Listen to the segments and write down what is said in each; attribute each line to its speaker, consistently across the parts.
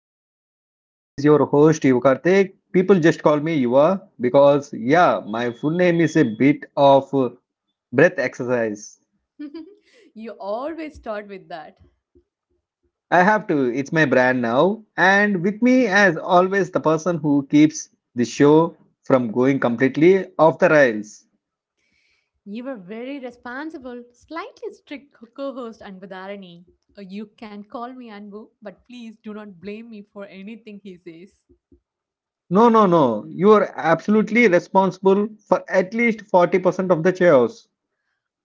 Speaker 1: back to Global. This is your host Yuva Karthik. People just call me Yuva because yeah, my full name is a bit of breath exercise.
Speaker 2: You always start with that.
Speaker 1: I have to. It's my brand now. And with me, as always, the person who keeps the show from going completely off the rails.
Speaker 2: You were very responsible, slightly strict co host Anbudarani. You can call me Anbu, but please do not blame me for anything he says.
Speaker 1: No, no, no. You are absolutely responsible for at least 40% of the chaos.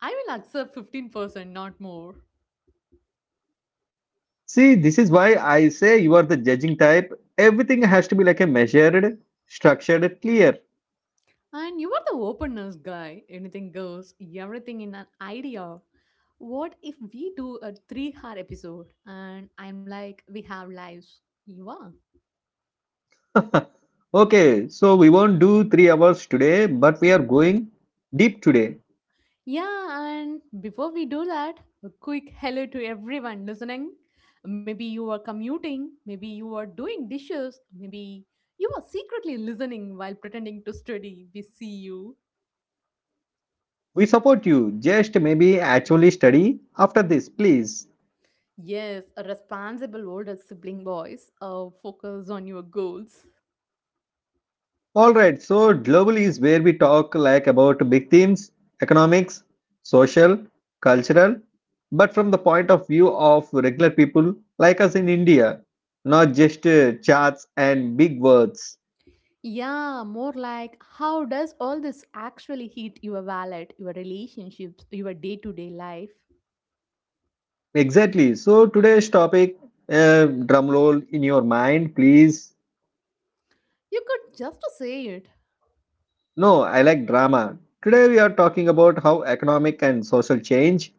Speaker 2: I will accept 15%, not more.
Speaker 1: See, this is why I say you are the judging type. Everything has to be like a measured, structured, clear.
Speaker 2: And you are the openness guy. Anything goes, everything in an idea. What if we do a 3-hour episode and I'm like, we have lives? You are.
Speaker 1: Okay, so we won't do three hours today, but we are going deep today.
Speaker 2: Yeah, and before we do that, a quick hello to everyone listening. Maybe you are commuting, maybe you are doing dishes, maybe you are secretly listening while pretending to study. We see you.
Speaker 1: We support you. Just maybe actually study after this, please.
Speaker 2: Yes, a responsible older sibling voice. Focus on your goals.
Speaker 1: All right, so global is where we talk like about big themes, economics, social, cultural, but from the point of view of regular people like us in India, not just charts and big words.
Speaker 2: Yeah, more like how does all this actually hit your wallet, your relationships, your day to day life?
Speaker 1: Exactly. So today's topic, drum roll in your mind, please.
Speaker 2: You could just say it.
Speaker 1: No, I like drama. Today we are talking about how economic and social change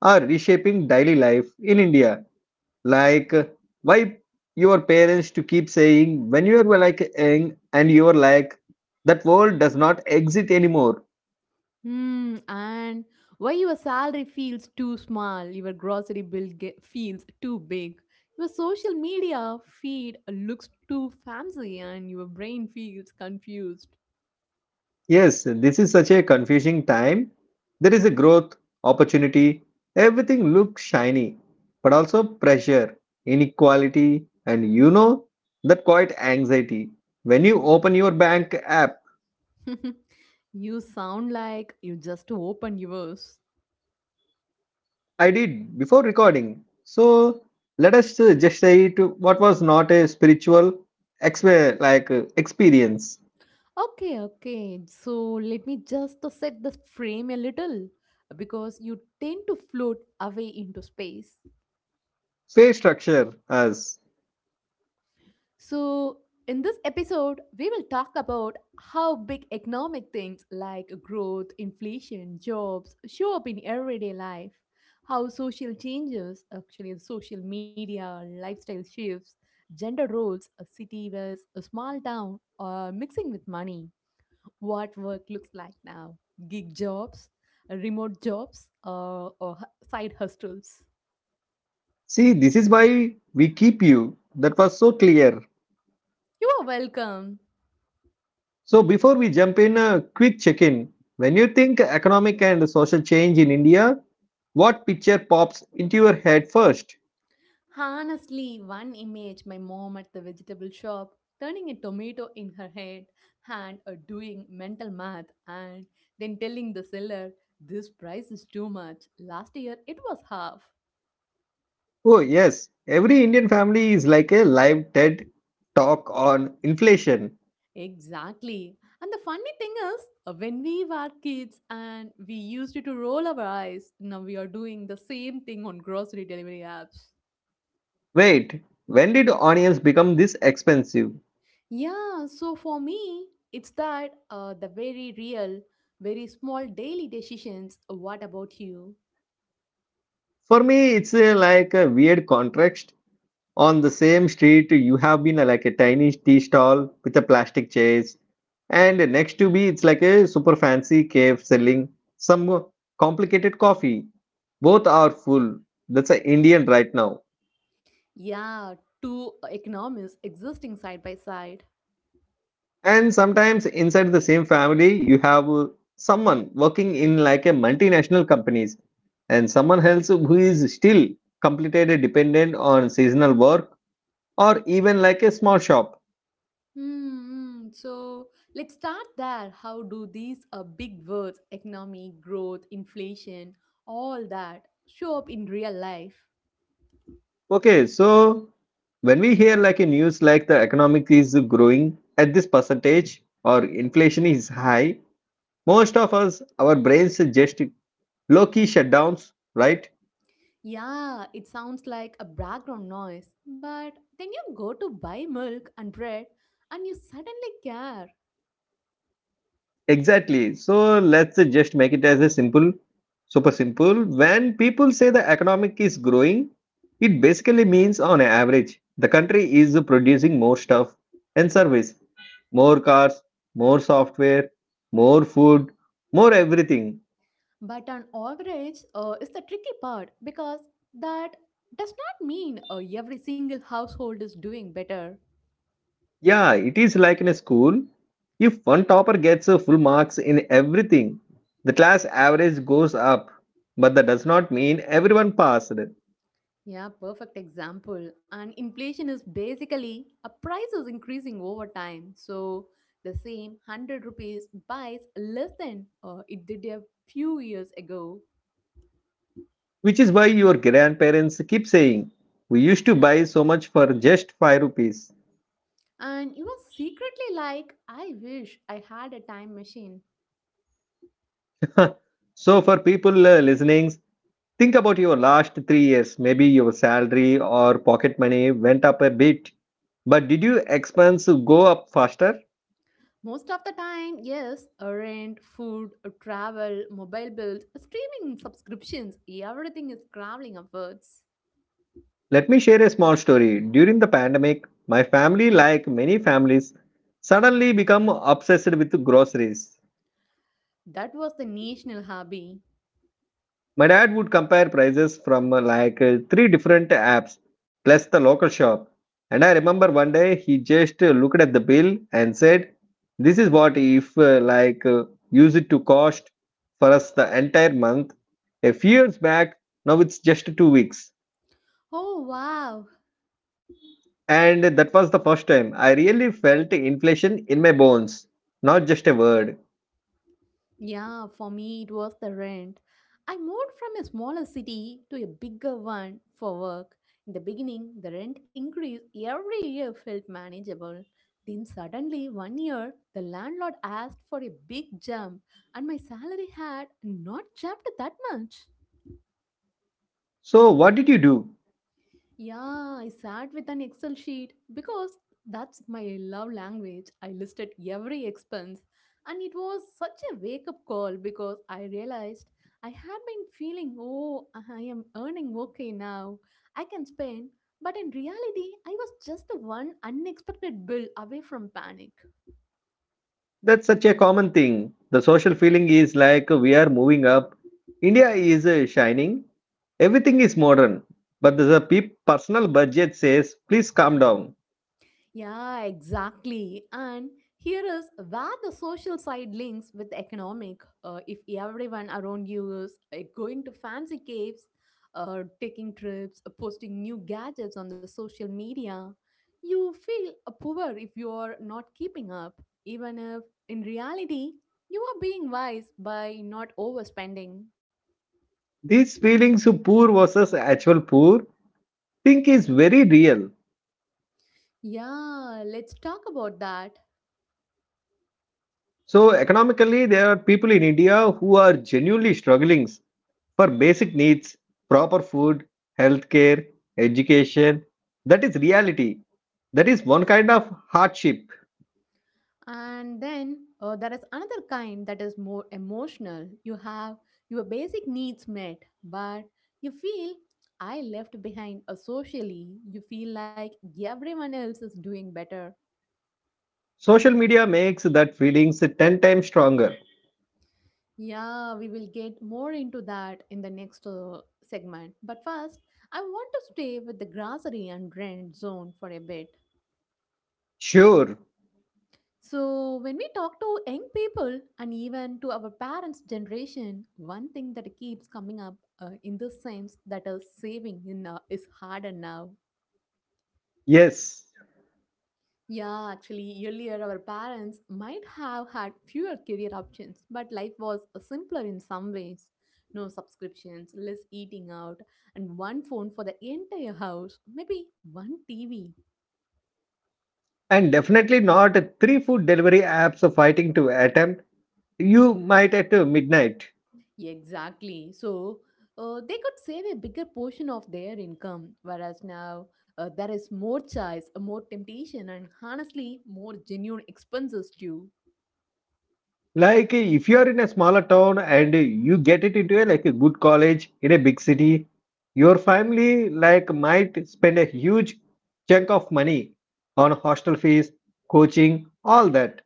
Speaker 1: are reshaping daily life in India. Like, why your parents to keep saying when you are like young and you are like that world does not exist anymore.
Speaker 2: Hmm, and why your salary feels too small, your grocery bill feels too big, your social media feed looks too fancy, and your brain feels confused.
Speaker 1: Yes, this is such a confusing time. There is a growth, opportunity, everything looks shiny, but also pressure, inequality, and you know that quite anxiety when you open your bank app.
Speaker 2: You sound like you just opened yours.
Speaker 1: I did before recording. So let us just say it what was not a spiritual experience.
Speaker 2: Okay, okay. So let me just to set the frame a little because you tend to float away into space.
Speaker 1: Say structure as
Speaker 2: So in this episode, we will talk about how big economic things like growth, inflation, jobs show up in everyday life; how social changes, actually social media, lifestyle shifts, gender roles, a city versus a small town, are mixing with money; what work looks like now: gig jobs, remote jobs, or side hustles.
Speaker 1: see this is why we keep you. That was so clear.
Speaker 2: You are welcome.
Speaker 1: So before we jump in, a quick check-in. When you think economic and social change in India, what picture pops into your head first?
Speaker 2: Honestly, one image: my mom at the vegetable shop turning a tomato in her head and doing mental math and then telling the seller, this price is too much. Last year it was half.
Speaker 1: Oh yes, every Indian family is like a live TED talk on inflation.
Speaker 2: Exactly. And the funny thing is, when we were kids and we used to roll our eyes, now we are doing the same thing on grocery delivery apps.
Speaker 1: Wait, when did onions become this expensive?
Speaker 2: Yeah, so for me, it's that, the very real, very small daily decisions. What about you?
Speaker 1: For me, it's like a weird contrast. On the same street, you have been like a tiny tea stall with a plastic chairs, and next to me, it's like a super fancy cave selling some complicated coffee. Both are full. That's a Indian right now.
Speaker 2: Yeah, two economies existing side by side.
Speaker 1: And sometimes inside the same family, you have someone working in like a multinational companies and someone else who is still completely dependent on seasonal work or even like a small shop.
Speaker 2: Hmm. Hmm. So let's start there. How do these big words, economy, growth, inflation, all that, show up in real life?
Speaker 1: Okay, so when we hear like a news like the economic is growing at this percentage or inflation is high, most of us, our brains just low-key shutdowns, right?
Speaker 2: Yeah, it sounds like a background noise, but then you go to buy milk and bread and you suddenly care.
Speaker 1: Exactly. So let's just make it as a simple, super simple. When people say the economic is growing, it basically means on average, the country is producing more stuff and service, more cars, more software, more food, more everything.
Speaker 2: But on average, is the tricky part because that does not mean every single household is doing better.
Speaker 1: Yeah, it is like in a school. If one topper gets a full marks in everything, the class average goes up, but that does not mean everyone passed.
Speaker 2: Yeah, perfect example. And inflation is basically a price is increasing over time. So the same 100 rupees buys less than it did a few years ago.
Speaker 1: Which is why your grandparents keep saying, we used to buy so much for just 5 rupees.
Speaker 2: And you are secretly like, I wish I had a time machine.
Speaker 1: So, for people listening, think about your last 3 years. Maybe your salary or pocket money went up a bit. But did your expense go up faster?
Speaker 2: Most of the time, yes, rent, food, travel, mobile bills, streaming subscriptions, everything is crawling upwards.
Speaker 1: Let me share a small story. During the pandemic, my family, like many families, suddenly become obsessed with groceries.
Speaker 2: That was the national hobby.
Speaker 1: My dad would compare prices from three different apps plus the local shop. And I remember one day he just looked at the bill and said, this is what if use it to cost for us the entire month. A few years back, now it's just 2 weeks.
Speaker 2: Oh, wow.
Speaker 1: And that was the first time I really felt inflation in my bones, not just a word.
Speaker 2: Yeah, for me, it was the rent. I moved from a smaller city to a bigger one for work. In the beginning, the rent increase every year felt manageable. Then, suddenly, one year, the landlord asked for a big jump, and my salary had not jumped that much.
Speaker 1: So, what did you do?
Speaker 2: Yeah, I sat with an Excel sheet because that's my love language. I listed every expense, and it was such a wake up call because I realized I had been feeling, oh, I am earning okay now, I can spend. But in reality, I was just the one unexpected bill away from panic.
Speaker 1: That's such a common thing. The social feeling is like we are moving up. India is shining. Everything is modern. But the personal budget says, please calm down.
Speaker 2: Yeah, exactly. And here is where the social side links with the economic. If everyone around you is going to fancy caves, taking trips, posting new gadgets on the social media, you feel poor if you are not keeping up, even if in reality you are being wise by not overspending.
Speaker 1: These feelings of poor versus actual poor think is very real.
Speaker 2: Yeah, let's talk about that.
Speaker 1: So economically, there are people in India who are genuinely struggling for basic needs, proper food, healthcare, education. That is reality. That is one kind of hardship.
Speaker 2: And then, there is another kind that is more emotional. You have your basic needs met, but you feel I left behind, socially. You feel like everyone else is doing better.
Speaker 1: Social media makes that feelings 10 times stronger.
Speaker 2: Yeah, we will get more into that in the next segment, but first I want to stay with the grocery and rent zone for a bit.
Speaker 1: Sure,
Speaker 2: So, when we talk to young people and even to our parents' generation, one thing that keeps coming up, in the sense that saving in, is harder now.
Speaker 1: yes,
Speaker 2: Yeah, actually, earlier our parents might have had fewer career options, but life was simpler in some ways. No subscriptions, less eating out, and one phone for the entire house, maybe one TV.
Speaker 1: and definitely not three food delivery apps fighting to attempt you might at midnight.
Speaker 2: Exactly. So they could save a bigger portion of their income, whereas now there is more choice, more temptation, and honestly, more genuine expenses too.
Speaker 1: Like if you are in a smaller town and you get it into a like a good college in a big city, your family like might spend a huge chunk of money on hostel fees, coaching, all that.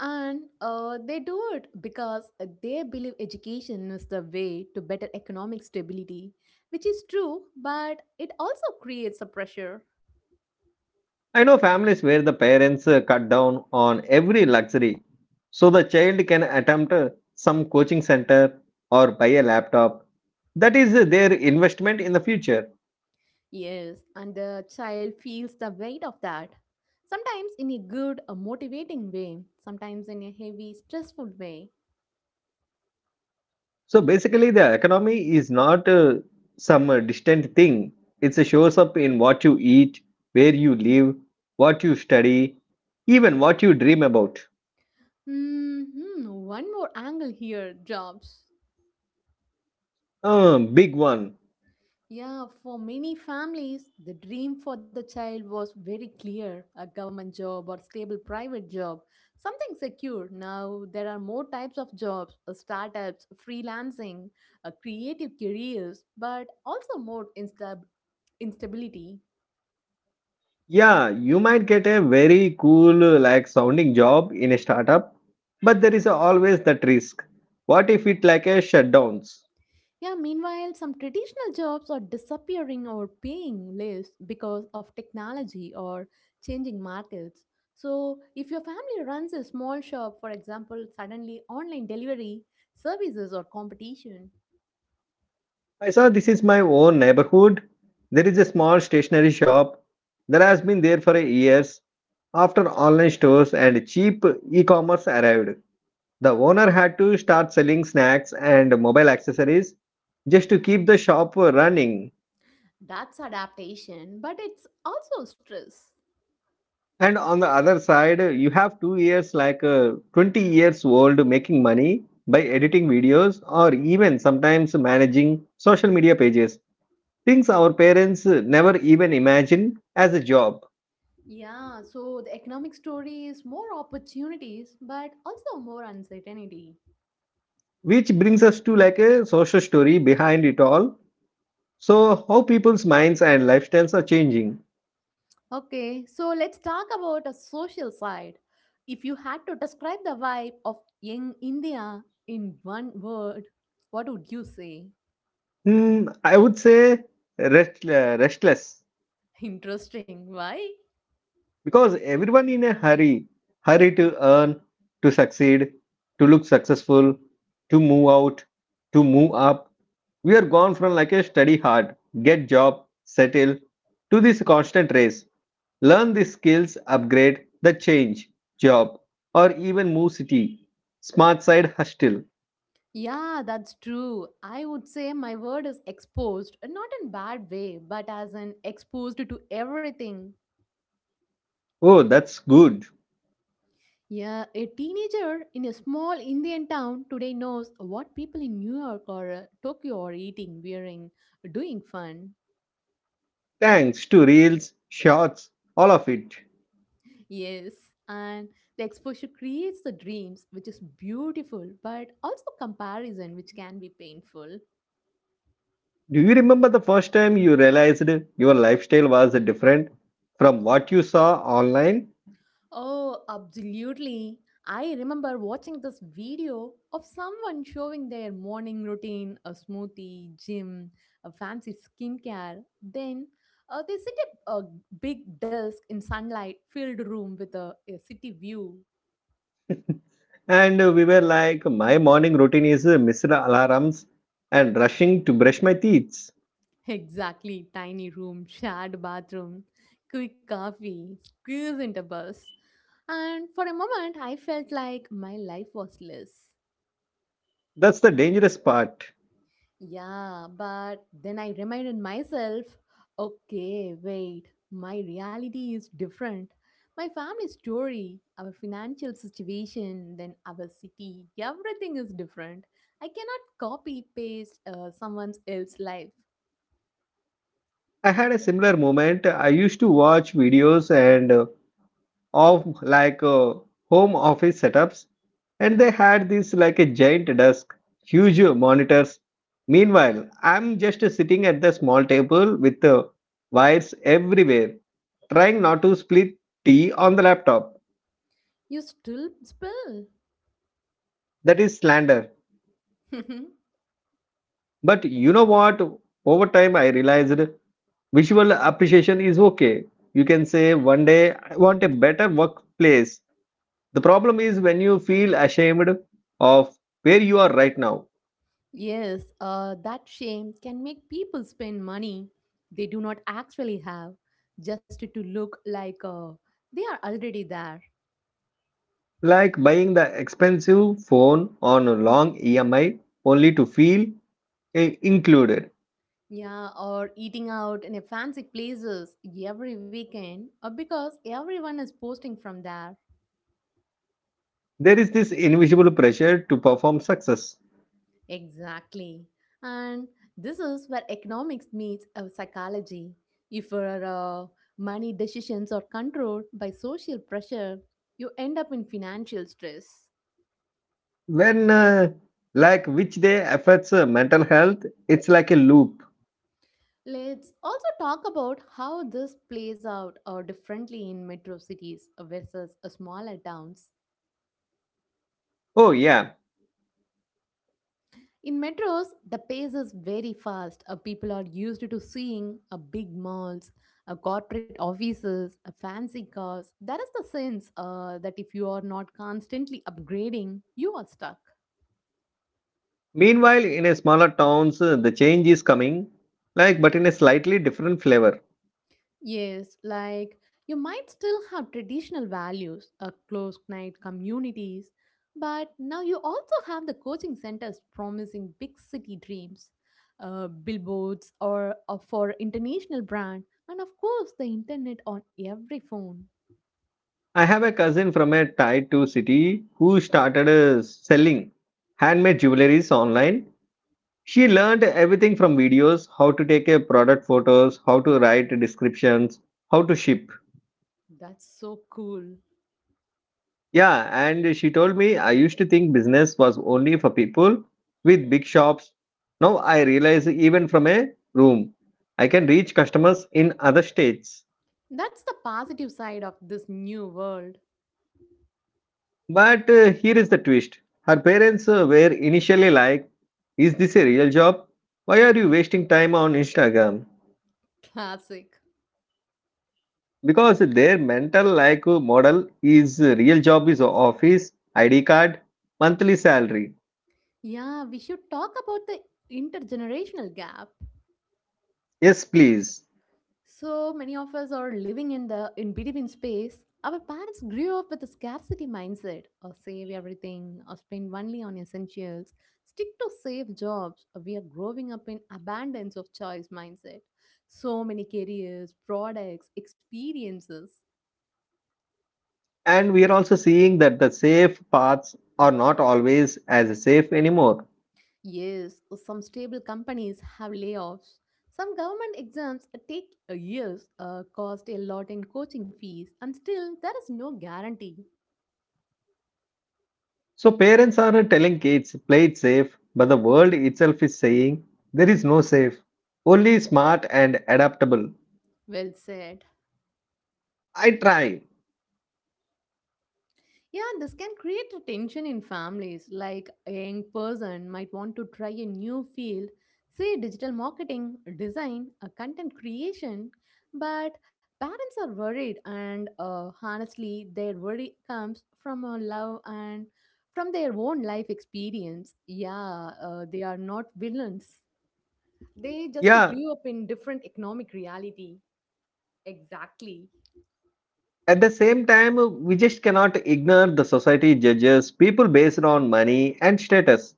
Speaker 2: And they do it because they believe education is the way to better economic stability, which is true, but it also creates a pressure.
Speaker 1: I know families where the parents cut down on every luxury so the child can attempt some coaching center or buy a laptop. That is their investment in the future.
Speaker 2: Yes, and the child feels the weight of that. Sometimes in a good, a motivating way, sometimes in a heavy, stressful way.
Speaker 1: So basically, the economy is not some distant thing, it shows up in what you eat, where you live, what you study, even what you dream about.
Speaker 2: Hmm. One more angle here: jobs.
Speaker 1: A big one.
Speaker 2: Yeah, for many families, the dream for the child was very clear: a government job or stable private job, something secure. Now, there are more types of jobs: startups, freelancing, creative careers, but also more instability.
Speaker 1: Yeah, you might get a very cool like sounding job in a startup, but there is always that risk. What if it like a shutdowns?
Speaker 2: Yeah, meanwhile, some traditional jobs are disappearing or paying less because of technology or changing markets. So, if your family runs a small shop, for example, suddenly online delivery services or competition.
Speaker 1: I saw this is my own neighborhood. There is a small stationery shop that has been there for years. After online stores and cheap e-commerce arrived, the owner had to start selling snacks and mobile accessories just to keep the shop running.
Speaker 2: That's adaptation, but it's also stress.
Speaker 1: And on the other side, you have two years like a 20 years old making money by editing videos or even sometimes managing social media pages. Things our parents never even imagined as a job.
Speaker 2: Yeah, so the economic story is more opportunities, but also more uncertainty.
Speaker 1: Which brings us to like a social story behind it all. So, how people's minds and lifestyles are changing.
Speaker 2: Okay, so let's talk about a social side. If you had to describe the vibe of young India in one word, what would you say?
Speaker 1: Hmm, I would say restless
Speaker 2: Interesting, why?
Speaker 1: because everyone in a hurry, hurry to earn, to succeed, to look successful, to move out, to move up. We are gone from like a study hard, get job, settle to this constant race, learn the skills, upgrade the change job, or even move city, smart side hustle.
Speaker 2: Yeah, that's true. I would say my word is exposed, not in bad way, but as an exposed to everything.
Speaker 1: Oh, that's good.
Speaker 2: Yeah, a teenager in a small Indian town today knows what people in New York or Tokyo are eating, wearing, doing fun.
Speaker 1: Thanks to reels, shorts, all of it.
Speaker 2: Yes, and the exposure creates the dreams, which is beautiful, but also comparison, which can be painful.
Speaker 1: Do you remember the first time you realized your lifestyle was different from what you saw online?
Speaker 2: Oh, absolutely. I remember watching this video of someone showing their morning routine, a smoothie, gym, a fancy skincare. Then they set up a big desk in sunlight filled room with a city view.
Speaker 1: And we were like, my morning routine is missed alarms and rushing to brush my teeth.
Speaker 2: Exactly. Tiny room, shared bathroom, quick coffee, squeeze into bus. And for a moment, I felt like my life was less.
Speaker 1: That's the dangerous part.
Speaker 2: Yeah, but then I reminded myself, okay, wait, my reality is different. My family story, our financial situation, then our city, everything is different. I cannot copy paste someone else's life.
Speaker 1: I had a similar moment. I used to watch videos and of like home office setups, and they had this like a giant desk, huge monitors. Meanwhile, I'm just sitting at the small table with wires everywhere, trying not to split tea on the laptop.
Speaker 2: You still spill.
Speaker 1: That is slander. But you know what, over time I realized visual appreciation is okay. You can say one day I want a better workplace. The problem is when you feel ashamed of where you are right now.
Speaker 2: Yes, that shame can make people spend money they do not actually have just to look like they are already there.
Speaker 1: Like buying the expensive phone on a long EMI only to feel included.
Speaker 2: Yeah, or eating out in a fancy places every weekend because everyone is posting from there.
Speaker 1: There is this invisible pressure to perform success.
Speaker 2: Exactly. And this is where economics meets psychology. If your money decisions are controlled by social pressure, you end up in financial stress.
Speaker 1: When, like, which day affects mental health, it's like a loop.
Speaker 2: Let's also talk about how this plays out differently in metro cities versus smaller towns.
Speaker 1: Oh, yeah.
Speaker 2: In metros, the pace is very fast. People are used to seeing big malls, corporate offices, fancy cars. That is the sense that if you are not constantly upgrading, you are stuck.
Speaker 1: Meanwhile, in a smaller towns, the change is coming, like, but in a slightly different flavor.
Speaker 2: Yes, like you might still have traditional values, a close knit communities, but now you also have the coaching centers promising big city dreams, billboards or for international brand, and of course the internet on every phone.
Speaker 1: I have a cousin from a tier 2 city who started selling handmade jewelries online. She learned everything from videos, how to take a product photos, how to write descriptions, how to ship.
Speaker 2: That's so cool.
Speaker 1: Yeah, and she told me I used to think business was only for people with big shops. Now I realize even from a room, I can reach customers in other states.
Speaker 2: That's the positive side of this new world.
Speaker 1: But here is the twist. Her parents were initially like, is this a real job? Why are you wasting time on Instagram?
Speaker 2: Classic.
Speaker 1: Because their mental like model is real job is office, id card, monthly salary.
Speaker 2: Yeah, we should talk about the intergenerational gap.
Speaker 1: Yes, please.
Speaker 2: So many of us are living in the in between space. Our parents grew up with a scarcity mindset or save everything or spend only on essentials, stick to safe jobs. We are growing up in abundance of choice mindset. So many careers, products, experiences.
Speaker 1: And we are also seeing that the safe paths are not always as safe anymore.
Speaker 2: Yes, some stable companies have layoffs. Some government exams take years, cost a lot in coaching fees, and still there is no guarantee.
Speaker 1: So parents are telling kids play it safe, but the world itself is saying there is no safe, only smart and adaptable.
Speaker 2: Well said.
Speaker 1: I try.
Speaker 2: Yeah, this can create a tension in families. Like a young person might want to try a new field, say digital marketing, design, content creation, but parents are worried, and honestly, their worry comes from a love and from their own life experience. Yeah, they are not villains. They just
Speaker 1: Yeah,
Speaker 2: grew up in different economic reality. Exactly.
Speaker 1: at the same time we just cannot ignore the society judges people based on money and status.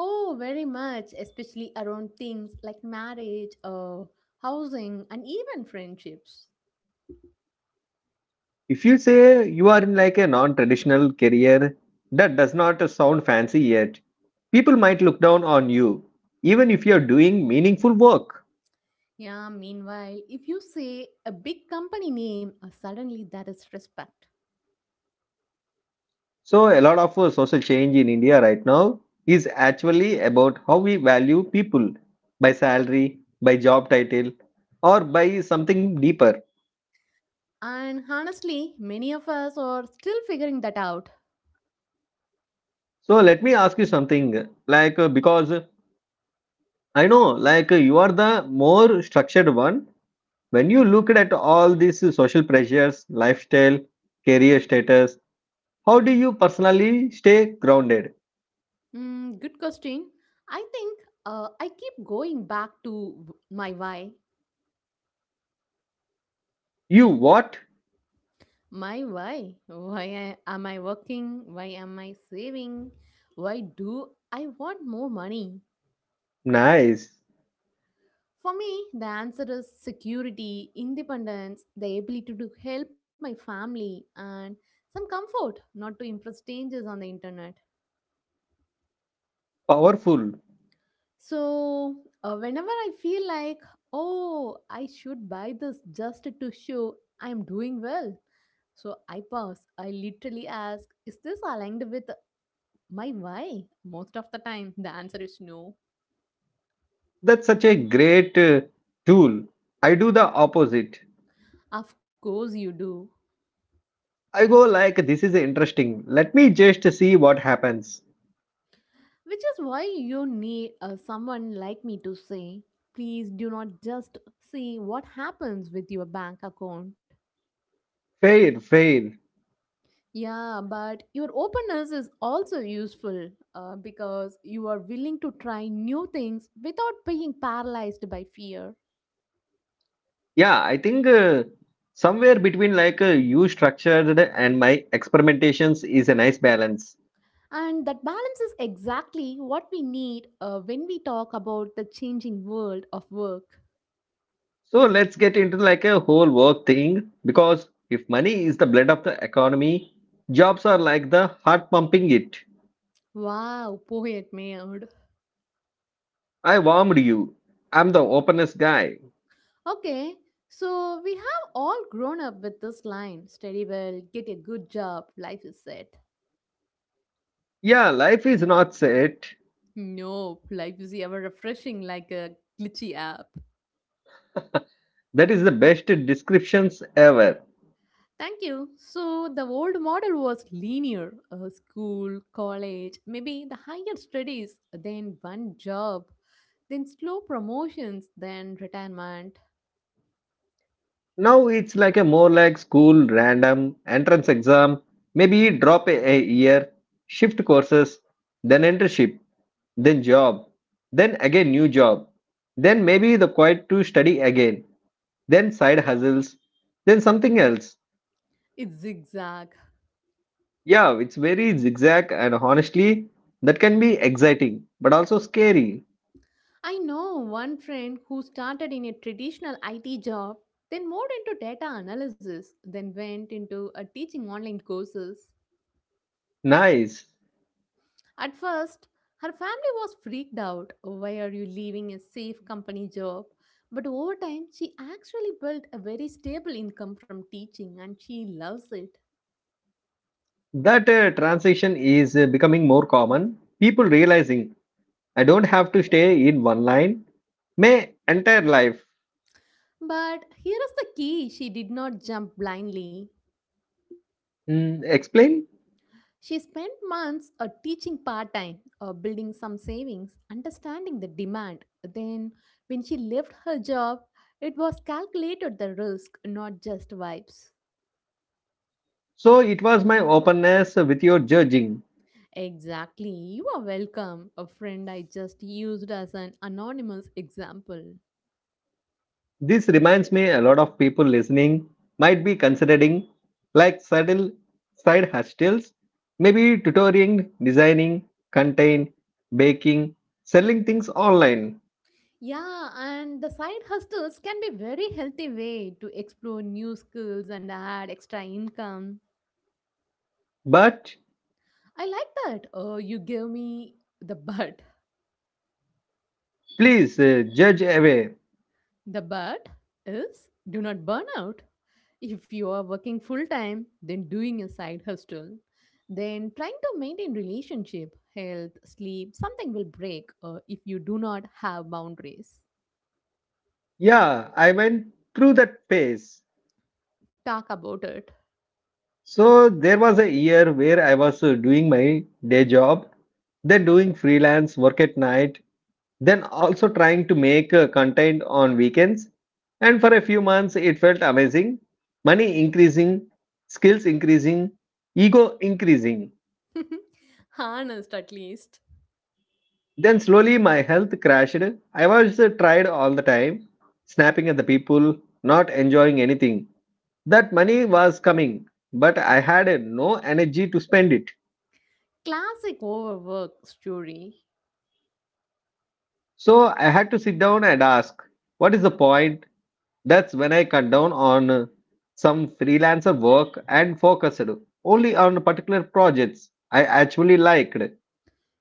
Speaker 2: Oh, very much, especially around things like marriage, housing, and even friendships.
Speaker 1: If you say you are in like a non-traditional career that does not sound fancy yet, people might look down on you, even if you're doing meaningful work.
Speaker 2: Yeah, meanwhile, if you say a big company name, suddenly that is respect.
Speaker 1: So a lot of social change in India right now is actually about how we value people by salary, by job title, or by something deeper.
Speaker 2: And honestly, many of us are still figuring that out.
Speaker 1: So let me ask you something like because I know like you are the more structured one. When you look at all these social pressures, lifestyle, career status, how do you personally stay grounded?
Speaker 2: Mm, good question. I think I keep going back to my why.
Speaker 1: You what?
Speaker 2: My why? Why am I working? Why am I saving? Why do I want more money?
Speaker 1: Nice,
Speaker 2: For me, the answer is security, independence, the ability to help my family, and some comfort, not to impress strangers on the internet.
Speaker 1: powerful.
Speaker 2: So, whenever I feel like, oh, I should buy this just to show I'm doing well, so I pause. I literally ask, is this aligned with my why? Most of the time, the answer is no.
Speaker 1: That's such a great tool. I do the opposite.
Speaker 2: Of course, you do.
Speaker 1: I go like this is interesting. Let me just see what happens.
Speaker 2: Which is why you need someone like me to say, please do not just see what happens with your bank account.
Speaker 1: Fair, fair.
Speaker 2: Yeah, but your openness is also useful because you are willing to try new things without being paralyzed by fear.
Speaker 1: Yeah, I think somewhere between like you structured and my experimentations is a nice balance.
Speaker 2: And that balance is exactly what we need when we talk about the changing world of work.
Speaker 1: So let's get into like a whole work thing because if money is the blood of the economy, jobs are like the heart pumping it.
Speaker 2: Wow, poet made.
Speaker 1: I warmed you. I'm the openest guy.
Speaker 2: Okay, so we have all grown up with this line study well, get a good job, life is set.
Speaker 1: Yeah, life is not set.
Speaker 2: No, life is ever refreshing like a glitchy app.
Speaker 1: That is the best descriptions ever.
Speaker 2: Thank you. So the old model was linear school, college, maybe the higher studies, then one job, then slow promotions, then retirement.
Speaker 1: Now it's like a more like school random entrance exam. Maybe drop a year, shift courses, then internship, then job, then again new job. Then maybe the quiet to study again, then side hustles, then something else.
Speaker 2: It's zigzag.
Speaker 1: Yeah, it's very zigzag, and honestly, that can be exciting but also scary.
Speaker 2: I know one friend who started in a traditional IT job, then moved into data analysis, then went into a teaching online courses.
Speaker 1: Nice.
Speaker 2: At first, her family was freaked out. Why are you leaving a safe company job? But over time, she actually built a very stable income from teaching and she loves it.
Speaker 1: That transition is becoming more common. People realizing I don't have to stay in one line my entire life.
Speaker 2: But here is the key she did not jump blindly.
Speaker 1: Mm, explain?
Speaker 2: She spent months teaching part time, building some savings, understanding the demand. Then, when she left her job, it was calculated the risk, not just vibes.
Speaker 1: So it was my openness with your judging.
Speaker 2: Exactly. You are welcome. A friend I just used as an anonymous example.
Speaker 1: This reminds me a lot of people listening might be considering like subtle side hustles, maybe tutoring, designing, content, baking, selling things online.
Speaker 2: Yeah, and the side hustles can be very healthy way to explore new skills and add extra income.
Speaker 1: But
Speaker 2: I like that. Oh, you gave me the butt.
Speaker 1: please judge away.
Speaker 2: The but is do not burn out. If you are working full time, then doing a side hustle, then trying to maintain relationship, health, sleep, something will break if you do not have boundaries.
Speaker 1: Yeah, I went through that phase.
Speaker 2: Talk about it.
Speaker 1: So there was a year where I was doing my day job, then doing freelance work at night, then also trying to make content on weekends. And for a few months, it felt amazing. Money increasing, skills increasing, ego increasing.
Speaker 2: Honest, at least.
Speaker 1: Then slowly my health crashed. I was tired all the time, snapping at the people, not enjoying anything. That money was coming, but I had no energy to spend it.
Speaker 2: Classic overwork story.
Speaker 1: So I had to sit down and ask, what is the point? That's when I cut down on some freelancer work and focused only on particular projects I actually liked.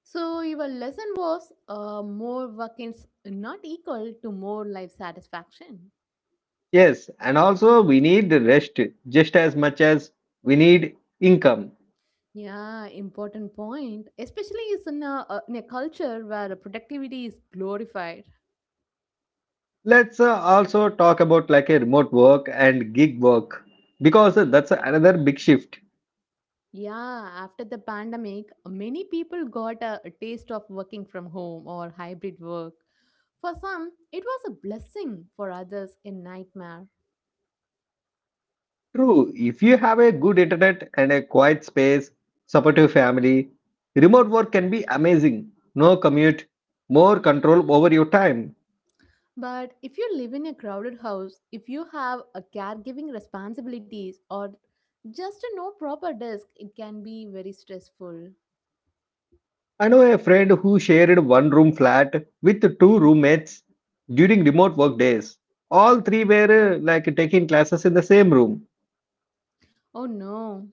Speaker 2: So your lesson was more work is not equal to more life satisfaction.
Speaker 1: Yes, and also we need rest just as much as we need income.
Speaker 2: Yeah, important point. Especially is in in a culture where productivity is glorified.
Speaker 1: Let's also talk about like a remote work and gig work because that's another big shift.
Speaker 2: Yeah, after the pandemic, many people got a taste of working from home or hybrid work. For some, it was a blessing. For others, a nightmare.
Speaker 1: True, if you have a good internet and a quiet space, supportive family, remote work can be amazing. No commute, more control over your time.
Speaker 2: But if you live in a crowded house, if you have a caregiving responsibilities or just a no proper desk, it can be very stressful.
Speaker 1: I know a friend who shared one room flat with two roommates during remote work days. All three were like taking classes in the same room.
Speaker 2: Oh no.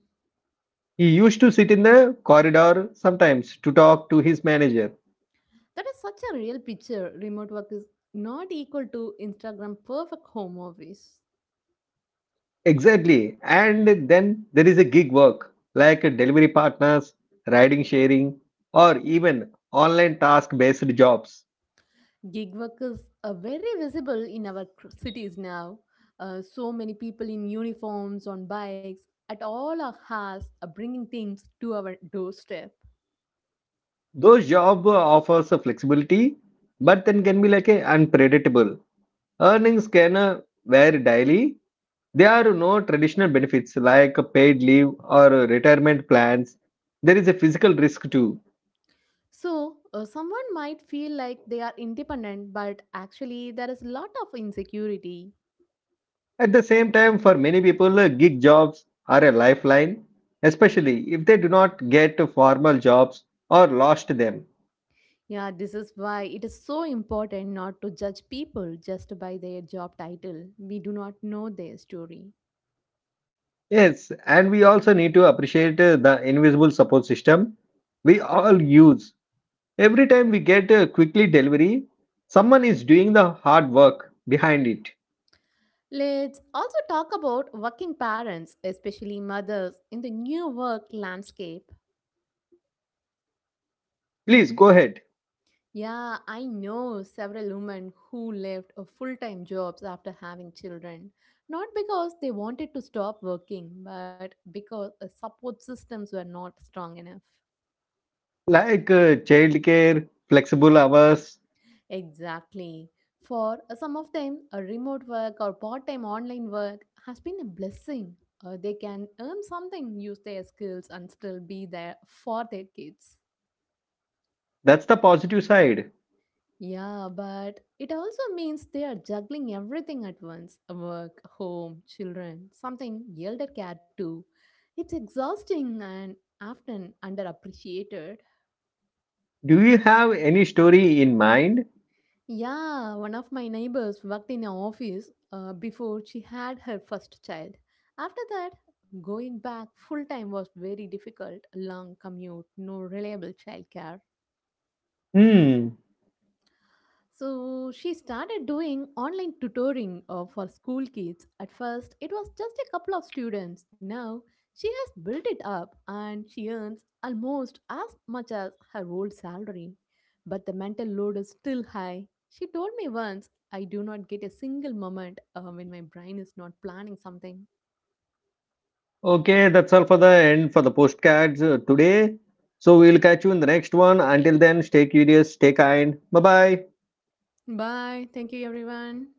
Speaker 1: He used to sit in the corridor sometimes to talk to his manager.
Speaker 2: That is such a real picture. Remote work is not equal to Instagram perfect home office.
Speaker 1: Exactly. And then there is a gig work like delivery partners, riding sharing, or even online task based jobs.
Speaker 2: Gig work is very visible in our cities now. So many people in uniforms, on bikes, at all our house are bringing things to our doorstep.
Speaker 1: Those job offers a flexibility, but then can be like a unpredictable. Earnings can vary daily. There are no traditional benefits like paid leave or retirement plans. There is a physical risk too.
Speaker 2: So, someone might feel like they are independent, but actually, there is a lot of insecurity.
Speaker 1: At the same time, for many people, gig jobs are a lifeline, especially if they do not get formal jobs or lost them.
Speaker 2: Yeah, this is why it is so important not to judge people just by their job title. We do not know their story.
Speaker 1: Yes, and we also need to appreciate the invisible support system we all use. Every time we get a quickly delivery, someone is doing the hard work behind it.
Speaker 2: Let's also talk about working parents, especially mothers, in the new work landscape.
Speaker 1: Please go ahead.
Speaker 2: Yeah, I know several women who left a full-time jobs after having children, not because they wanted to stop working, but because the support systems were not strong enough.
Speaker 1: Like childcare, flexible hours,
Speaker 2: Exactly. For some of them, a remote work or part-time online work has been a blessing. They can earn something, use their skills, and still be there for their kids.
Speaker 1: that's the positive side.
Speaker 2: Yeah, but it also means they are juggling everything at once work, home, children, something elder care too. It's exhausting and often underappreciated.
Speaker 1: Do you have any story in mind?
Speaker 2: Yeah, one of my neighbors worked in an office before she had her first child. After that, going back full time was very difficult long commute, no reliable childcare.
Speaker 1: Hmm.
Speaker 2: So she started doing online tutoring for school kids. At first, it was just a couple of students. Now, she has built it up and she earns almost as much as her old salary. But the mental load is still high. She told me once, I do not get a single moment when my brain is not planning something.
Speaker 1: Okay, that's all for the end for the postcards today. So we'll catch you in the next one. Until then, stay curious, stay kind. Bye bye.
Speaker 2: Bye. Thank you, everyone.